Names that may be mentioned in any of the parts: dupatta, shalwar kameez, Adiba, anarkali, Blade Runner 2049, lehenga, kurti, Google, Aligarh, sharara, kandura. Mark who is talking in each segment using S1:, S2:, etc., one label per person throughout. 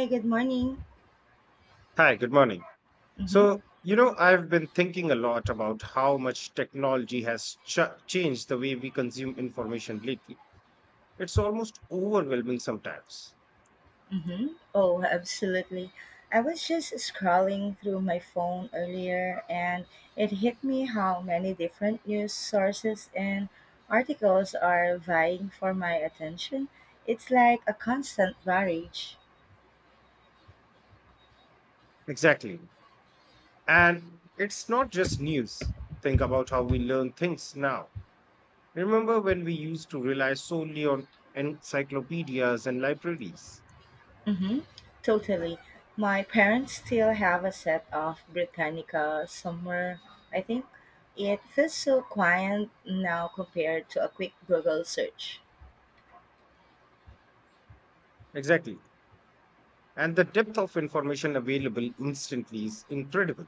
S1: Hi, good morning.
S2: Hi, good morning.
S1: Mm-hmm.
S2: I've been thinking a lot about how much technology has ch changed the way we consume information lately. It's almost overwhelming sometimes.
S1: Mm-hmm. Oh, absolutely. I was just scrolling through my phone earlier and it hit me how many different news sources and articles are vying for my attention. It's like a constant barrage.
S2: Exactly. And it's not just news. Think about how we learn things now. Remember when we used to rely solely on encyclopedias and libraries?
S1: Mm-hmm. Totally. My parents still have a set of Britannica somewhere, I think. It feels so quiet now compared to a quick Google search.
S2: Exactly. And the depth of information available instantly is incredible.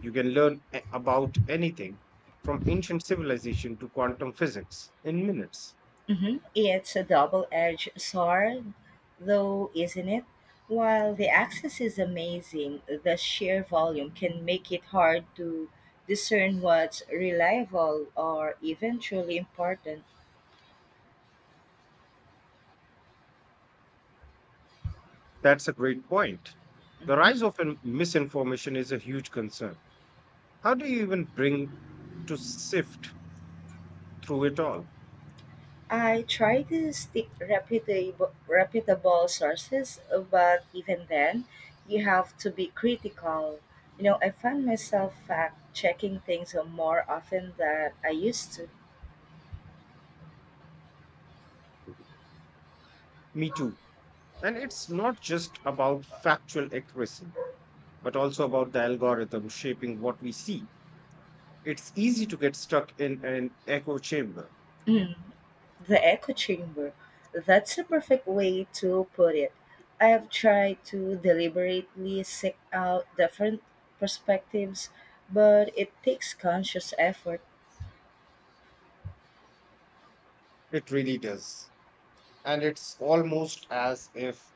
S2: You can learn about anything from ancient civilization to quantum physics in minutes.
S1: Mhm. It's a double edged sword, though, isn't it? While the access is amazing, the sheer volume can make it hard to discern what's reliable or even truly important.
S2: That's a great point. The
S1: Mhm.
S2: rise of misinformation is a huge concern. How do you even bring to sift through it all?
S1: I try to stick reputable sources, but even then, you have to be critical. You know, I find myself fact checking things more often than I used to.
S2: Me too. And it's not just about factual accuracy, but also about the algorithm shaping what we see. It's easy to get stuck in an echo chamber.
S1: The echo chamber. That's a perfect way to put it. I have tried to deliberately seek out different perspectives, but it takes conscious effort.
S2: It really does. And it's almost as if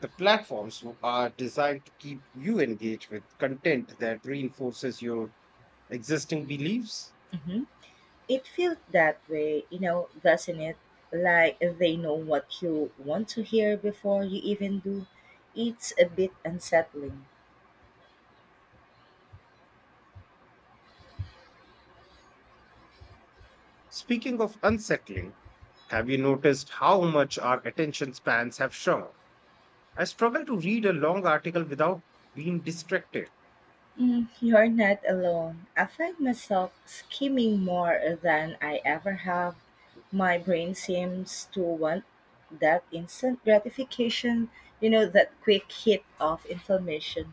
S2: the platforms are designed to keep you engaged with content that reinforces your existing beliefs.
S1: Mhm. It feels that way, you know, doesn't it? Like they know what you want to hear before you even do. It's a bit unsettling.
S2: Speaking of unsettling, have you noticed how much our attention spans have shrunk? I struggle to read a long article without being distracted.
S1: Mm, you're not alone. I find myself skimming more than I ever have. My brain seems to want that instant gratification, you know, that quick hit of information.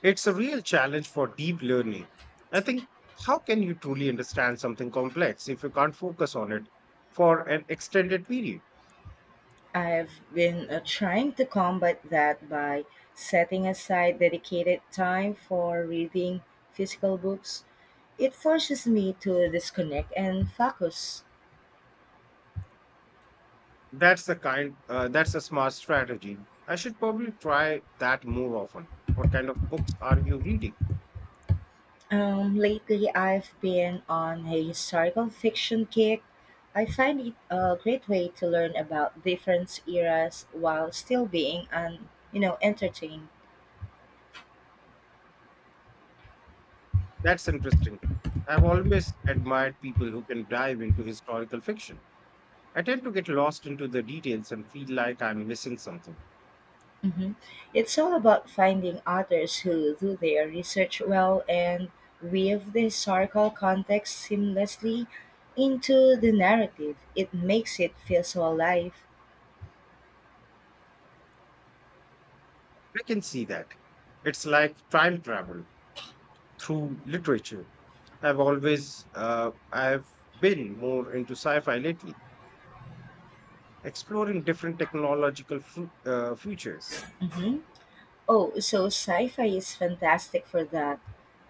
S2: It's a real challenge for deep learning. I think, how can you truly understand something complex if you can't focus on it for an extended period?
S1: I've been trying to combat that by setting aside dedicated time for reading physical books. It forces me to disconnect and focus.
S2: That's a smart strategy. I should probably try that more often. What kind of books are you reading?
S1: Lately, I've been on a historical fiction kick. I find it a great way to learn about different eras while still being un, you know, entertained.
S2: That's interesting. I've always admired people who can dive into historical fiction. I tend to get lost into the details and feel like I'm missing something.
S1: Hmm. It's all about finding authors who do their research well and weave the historical context seamlessly into the narrative. It makes it feel so alive.
S2: I can see that. It's like time travel through literature. I've been more into sci-fi lately, exploring different technological futures.
S1: Hmm. Oh, so sci-fi is fantastic for that.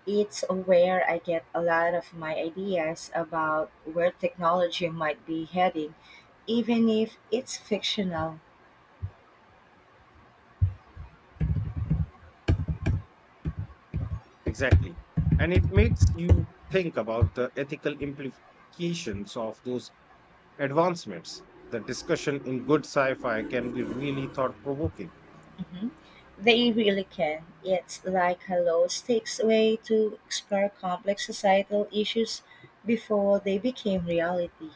S1: It's where I get a lot of my ideas about where technology might be heading, even if it's fictional.
S2: Exactly, and it makes you think about the ethical implications of those advancements. The discussion in good sci-fi can be really thought-provoking.
S1: Mhm. They really can. It's like a low stakes way to explore complex societal issues before they became reality.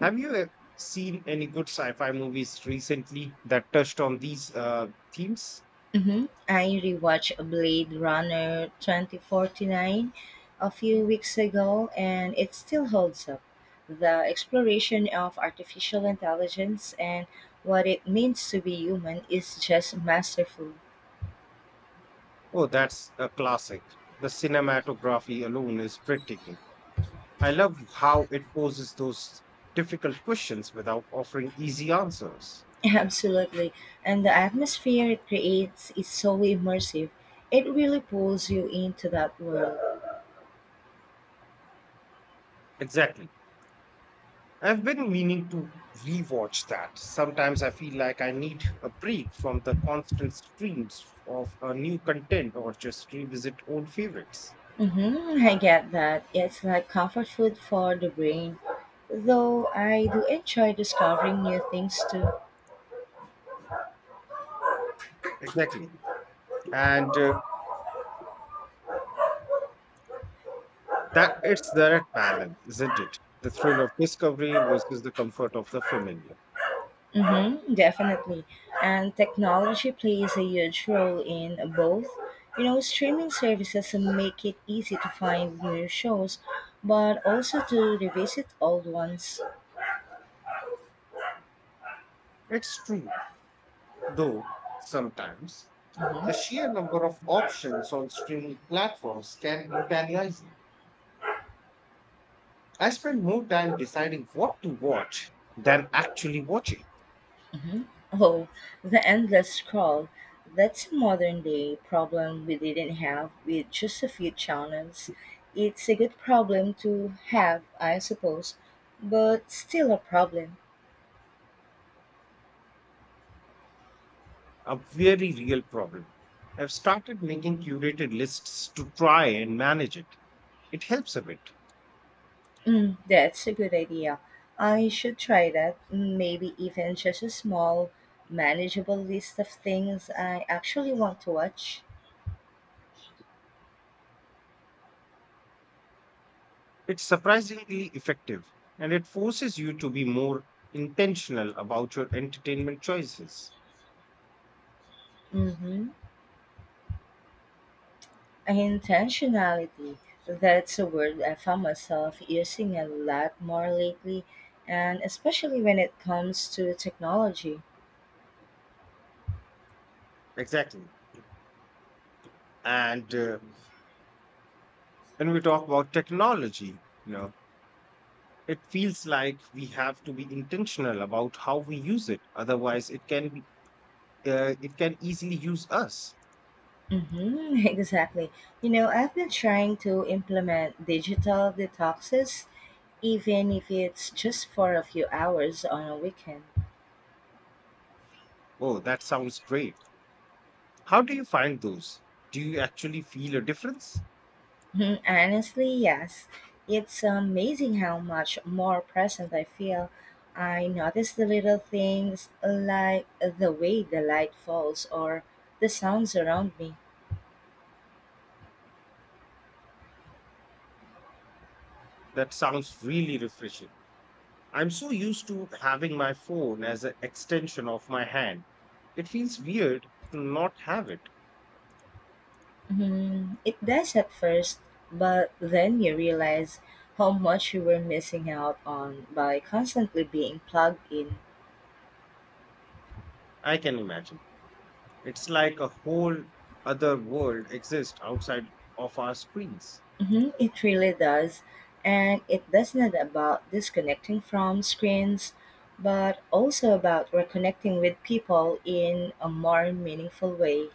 S2: Have you seen any good sci-fi movies recently that touched on these themes?
S1: Hmm. I rewatched Blade Runner 2049 a few weeks ago and it still holds up. The exploration of artificial intelligence and what it means to be human is just masterful.
S2: Oh, that's a classic. The cinematography alone is breathtaking. I love how it poses those difficult questions without offering easy answers.
S1: Absolutely. And the atmosphere it creates is so immersive. It really pulls you into that world.
S2: Exactly. I've been meaning to rewatch that. Sometimes I feel like I need a break from the constant streams of new content or just revisit old favorites.
S1: Mm-hmm, I get that. It's like comfort food for the brain. Though I do enjoy discovering new things too.
S2: Exactly. And That it's that balance, isn't it? The thrill of discovery versus the comfort of the familiar.
S1: Mm-hmm, definitely. And technology plays a huge role in both. You know, streaming services make it easy to find new shows, but also to revisit old ones.
S2: It's true, though sometimes the sheer number of options on streaming platforms can be paralyzing. I spend more time deciding what to watch than actually watching.
S1: Hmm. Oh, the endless scroll. That's a modern day problem we didn't have with just a few channels. It's a good problem to have, I suppose, but still a problem.
S2: A very real problem. I've started making curated lists to try and manage it. It helps a bit.
S1: Mm, that's a good idea. I should try that. Mm, maybe even just a small, manageable list of things I actually want to watch.
S2: It's surprisingly effective and it forces you to be more intentional about your entertainment choices.
S1: Mm-hmm. Intentionality. That's a word I found myself using a lot more lately, and especially when it comes to technology.
S2: Exactly. And When we talk about technology, you know, it feels like we have to be intentional about how we use it. Otherwise, it can easily use us.
S1: Mm-hmm, exactly. You know, I've been trying to implement digital detoxes, even if it's just for a few hours on a weekend.
S2: Oh, that sounds great. How do you find those? Do you actually feel a difference?
S1: Hmm, honestly, yes. It's amazing how much more present I feel. I notice the little things like the way the light falls or the sounds around me.
S2: That sounds really refreshing. I'm so used to having my phone as an extension of my hand. It feels weird to not have it.
S1: Hmm, it does at first, but then you realize how much you were missing out on by constantly being plugged in.
S2: I can imagine. It's like a whole other world exists outside of our screens.
S1: Mhm, it really does. And it does not about disconnecting from screens, but also about reconnecting with people in a more meaningful way.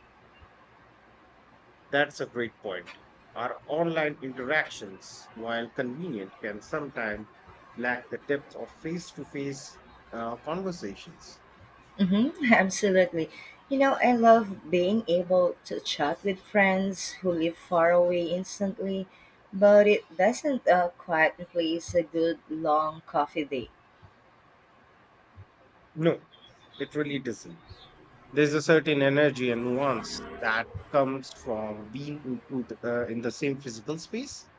S2: That's a great point. Our online interactions, while convenient, can sometimes lack the depth of face to face conversations.
S1: Hmm. Absolutely. You know, I love being able to chat with friends who live far away instantly, but it doesn't quite replace a good long coffee date.
S2: No, it really doesn't. There's a certain energy and nuance that comes from being in the same physical space.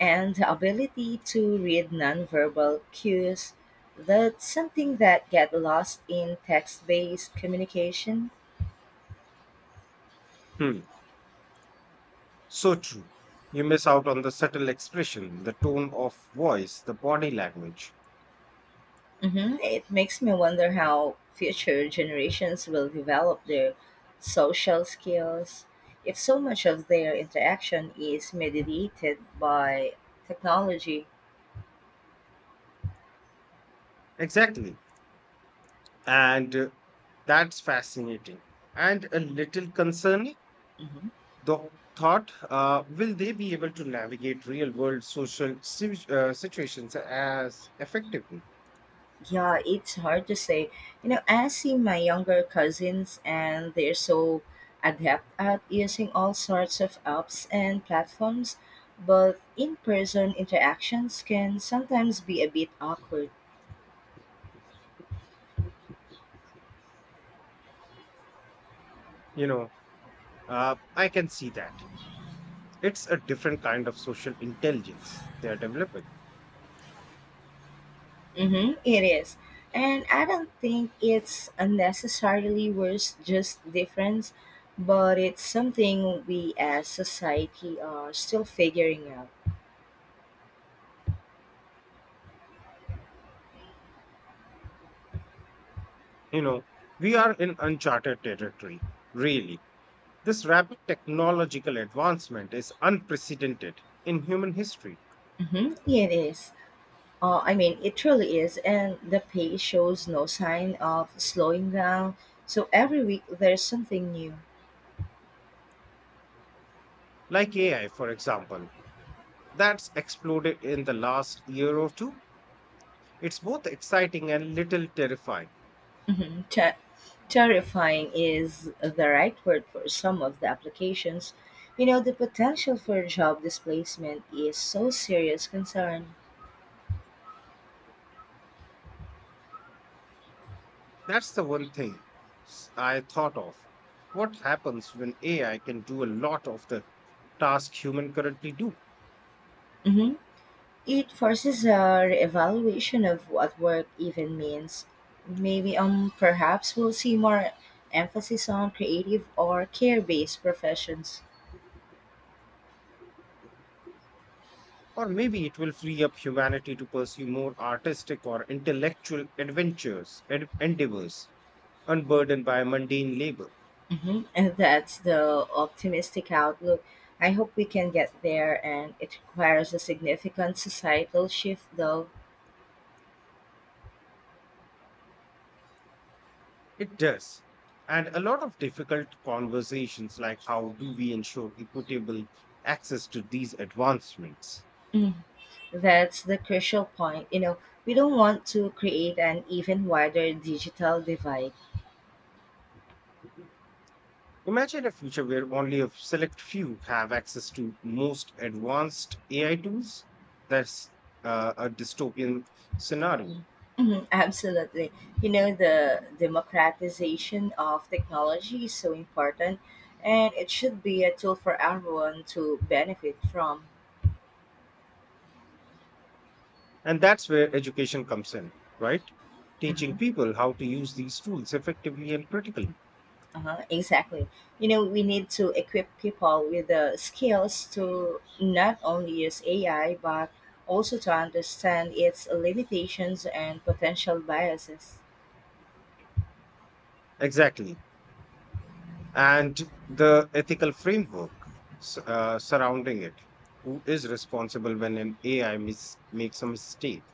S1: And the ability to read nonverbal cues, that's something that get lost in text-based communication.
S2: Hmm. So true. You miss out on the subtle expression, the tone of voice, the body language.
S1: Hmm. It makes me wonder how future generations will develop their social skills if so much of their interaction is mediated by technology.
S2: Exactly. And That's fascinating and a little concerning. The thought, will they be able to navigate real world social situations as effectively?
S1: Yeah, it's hard to say. You know, I see my younger cousins and they're so adept at using all sorts of apps and platforms, but in person interactions can sometimes be a bit awkward.
S2: You know, I can see that. It's a different kind of social intelligence they're developing.
S1: Mm-hmm, it is. And I don't think it's unnecessarily worse, just difference, but it's something we as society are still figuring out.
S2: You know, we are in uncharted territory, really. This rapid technological advancement is unprecedented in human history,
S1: Mm-hmm, it is. I mean, it truly is, and the pace shows no sign of slowing down. So every week there's something new.
S2: like AI, for example, that's exploded in the last year or two. It's both exciting and little terrifying.
S1: Mhm. Terrifying is the right word for some of the applications. You know, the potential for job displacement is so serious concern.
S2: That's the one thing I thought of. What happens when AI can do a lot of the tasks human currently do?
S1: Hmm. It forces a evaluation of what work even means. Maybe perhaps we'll see more emphasis on creative or care-based professions.
S2: Or maybe it will free up humanity to pursue more artistic or intellectual endeavors, unburdened by mundane labor.
S1: Mhm. And that's the optimistic outlook. I hope we can get there, and it requires a significant societal shift, though.
S2: It does. And a lot of difficult conversations, like how do we ensure equitable access to these advancements?
S1: Mm. That's the crucial point. You know, we don't want to create an even wider digital divide.
S2: Imagine a future where only a select few have access to most advanced AI tools. That's a dystopian scenario.
S1: Mhm, absolutely. You know, the democratization of technology is so important, and it should be a tool for everyone to benefit from.
S2: And that's where education comes in, right? Teaching people how to use these tools effectively and critically.
S1: Uh-huh, exactly. You know, we need to equip people with the skills to not only use AI, but also to understand its limitations and potential biases.
S2: Exactly. And the ethical framework surrounding it. Who is responsible when an AI makes a mistake?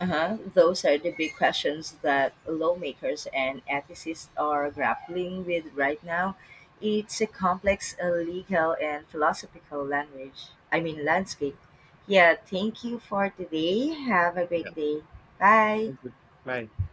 S1: Uh-huh. Those are the big questions that lawmakers and ethicists are grappling with right now. It's a complex legal and philosophical landscape. Yeah, thank you for today. Have a
S2: Yeah.
S1: great day. Bye.
S2: Thank you. Bye.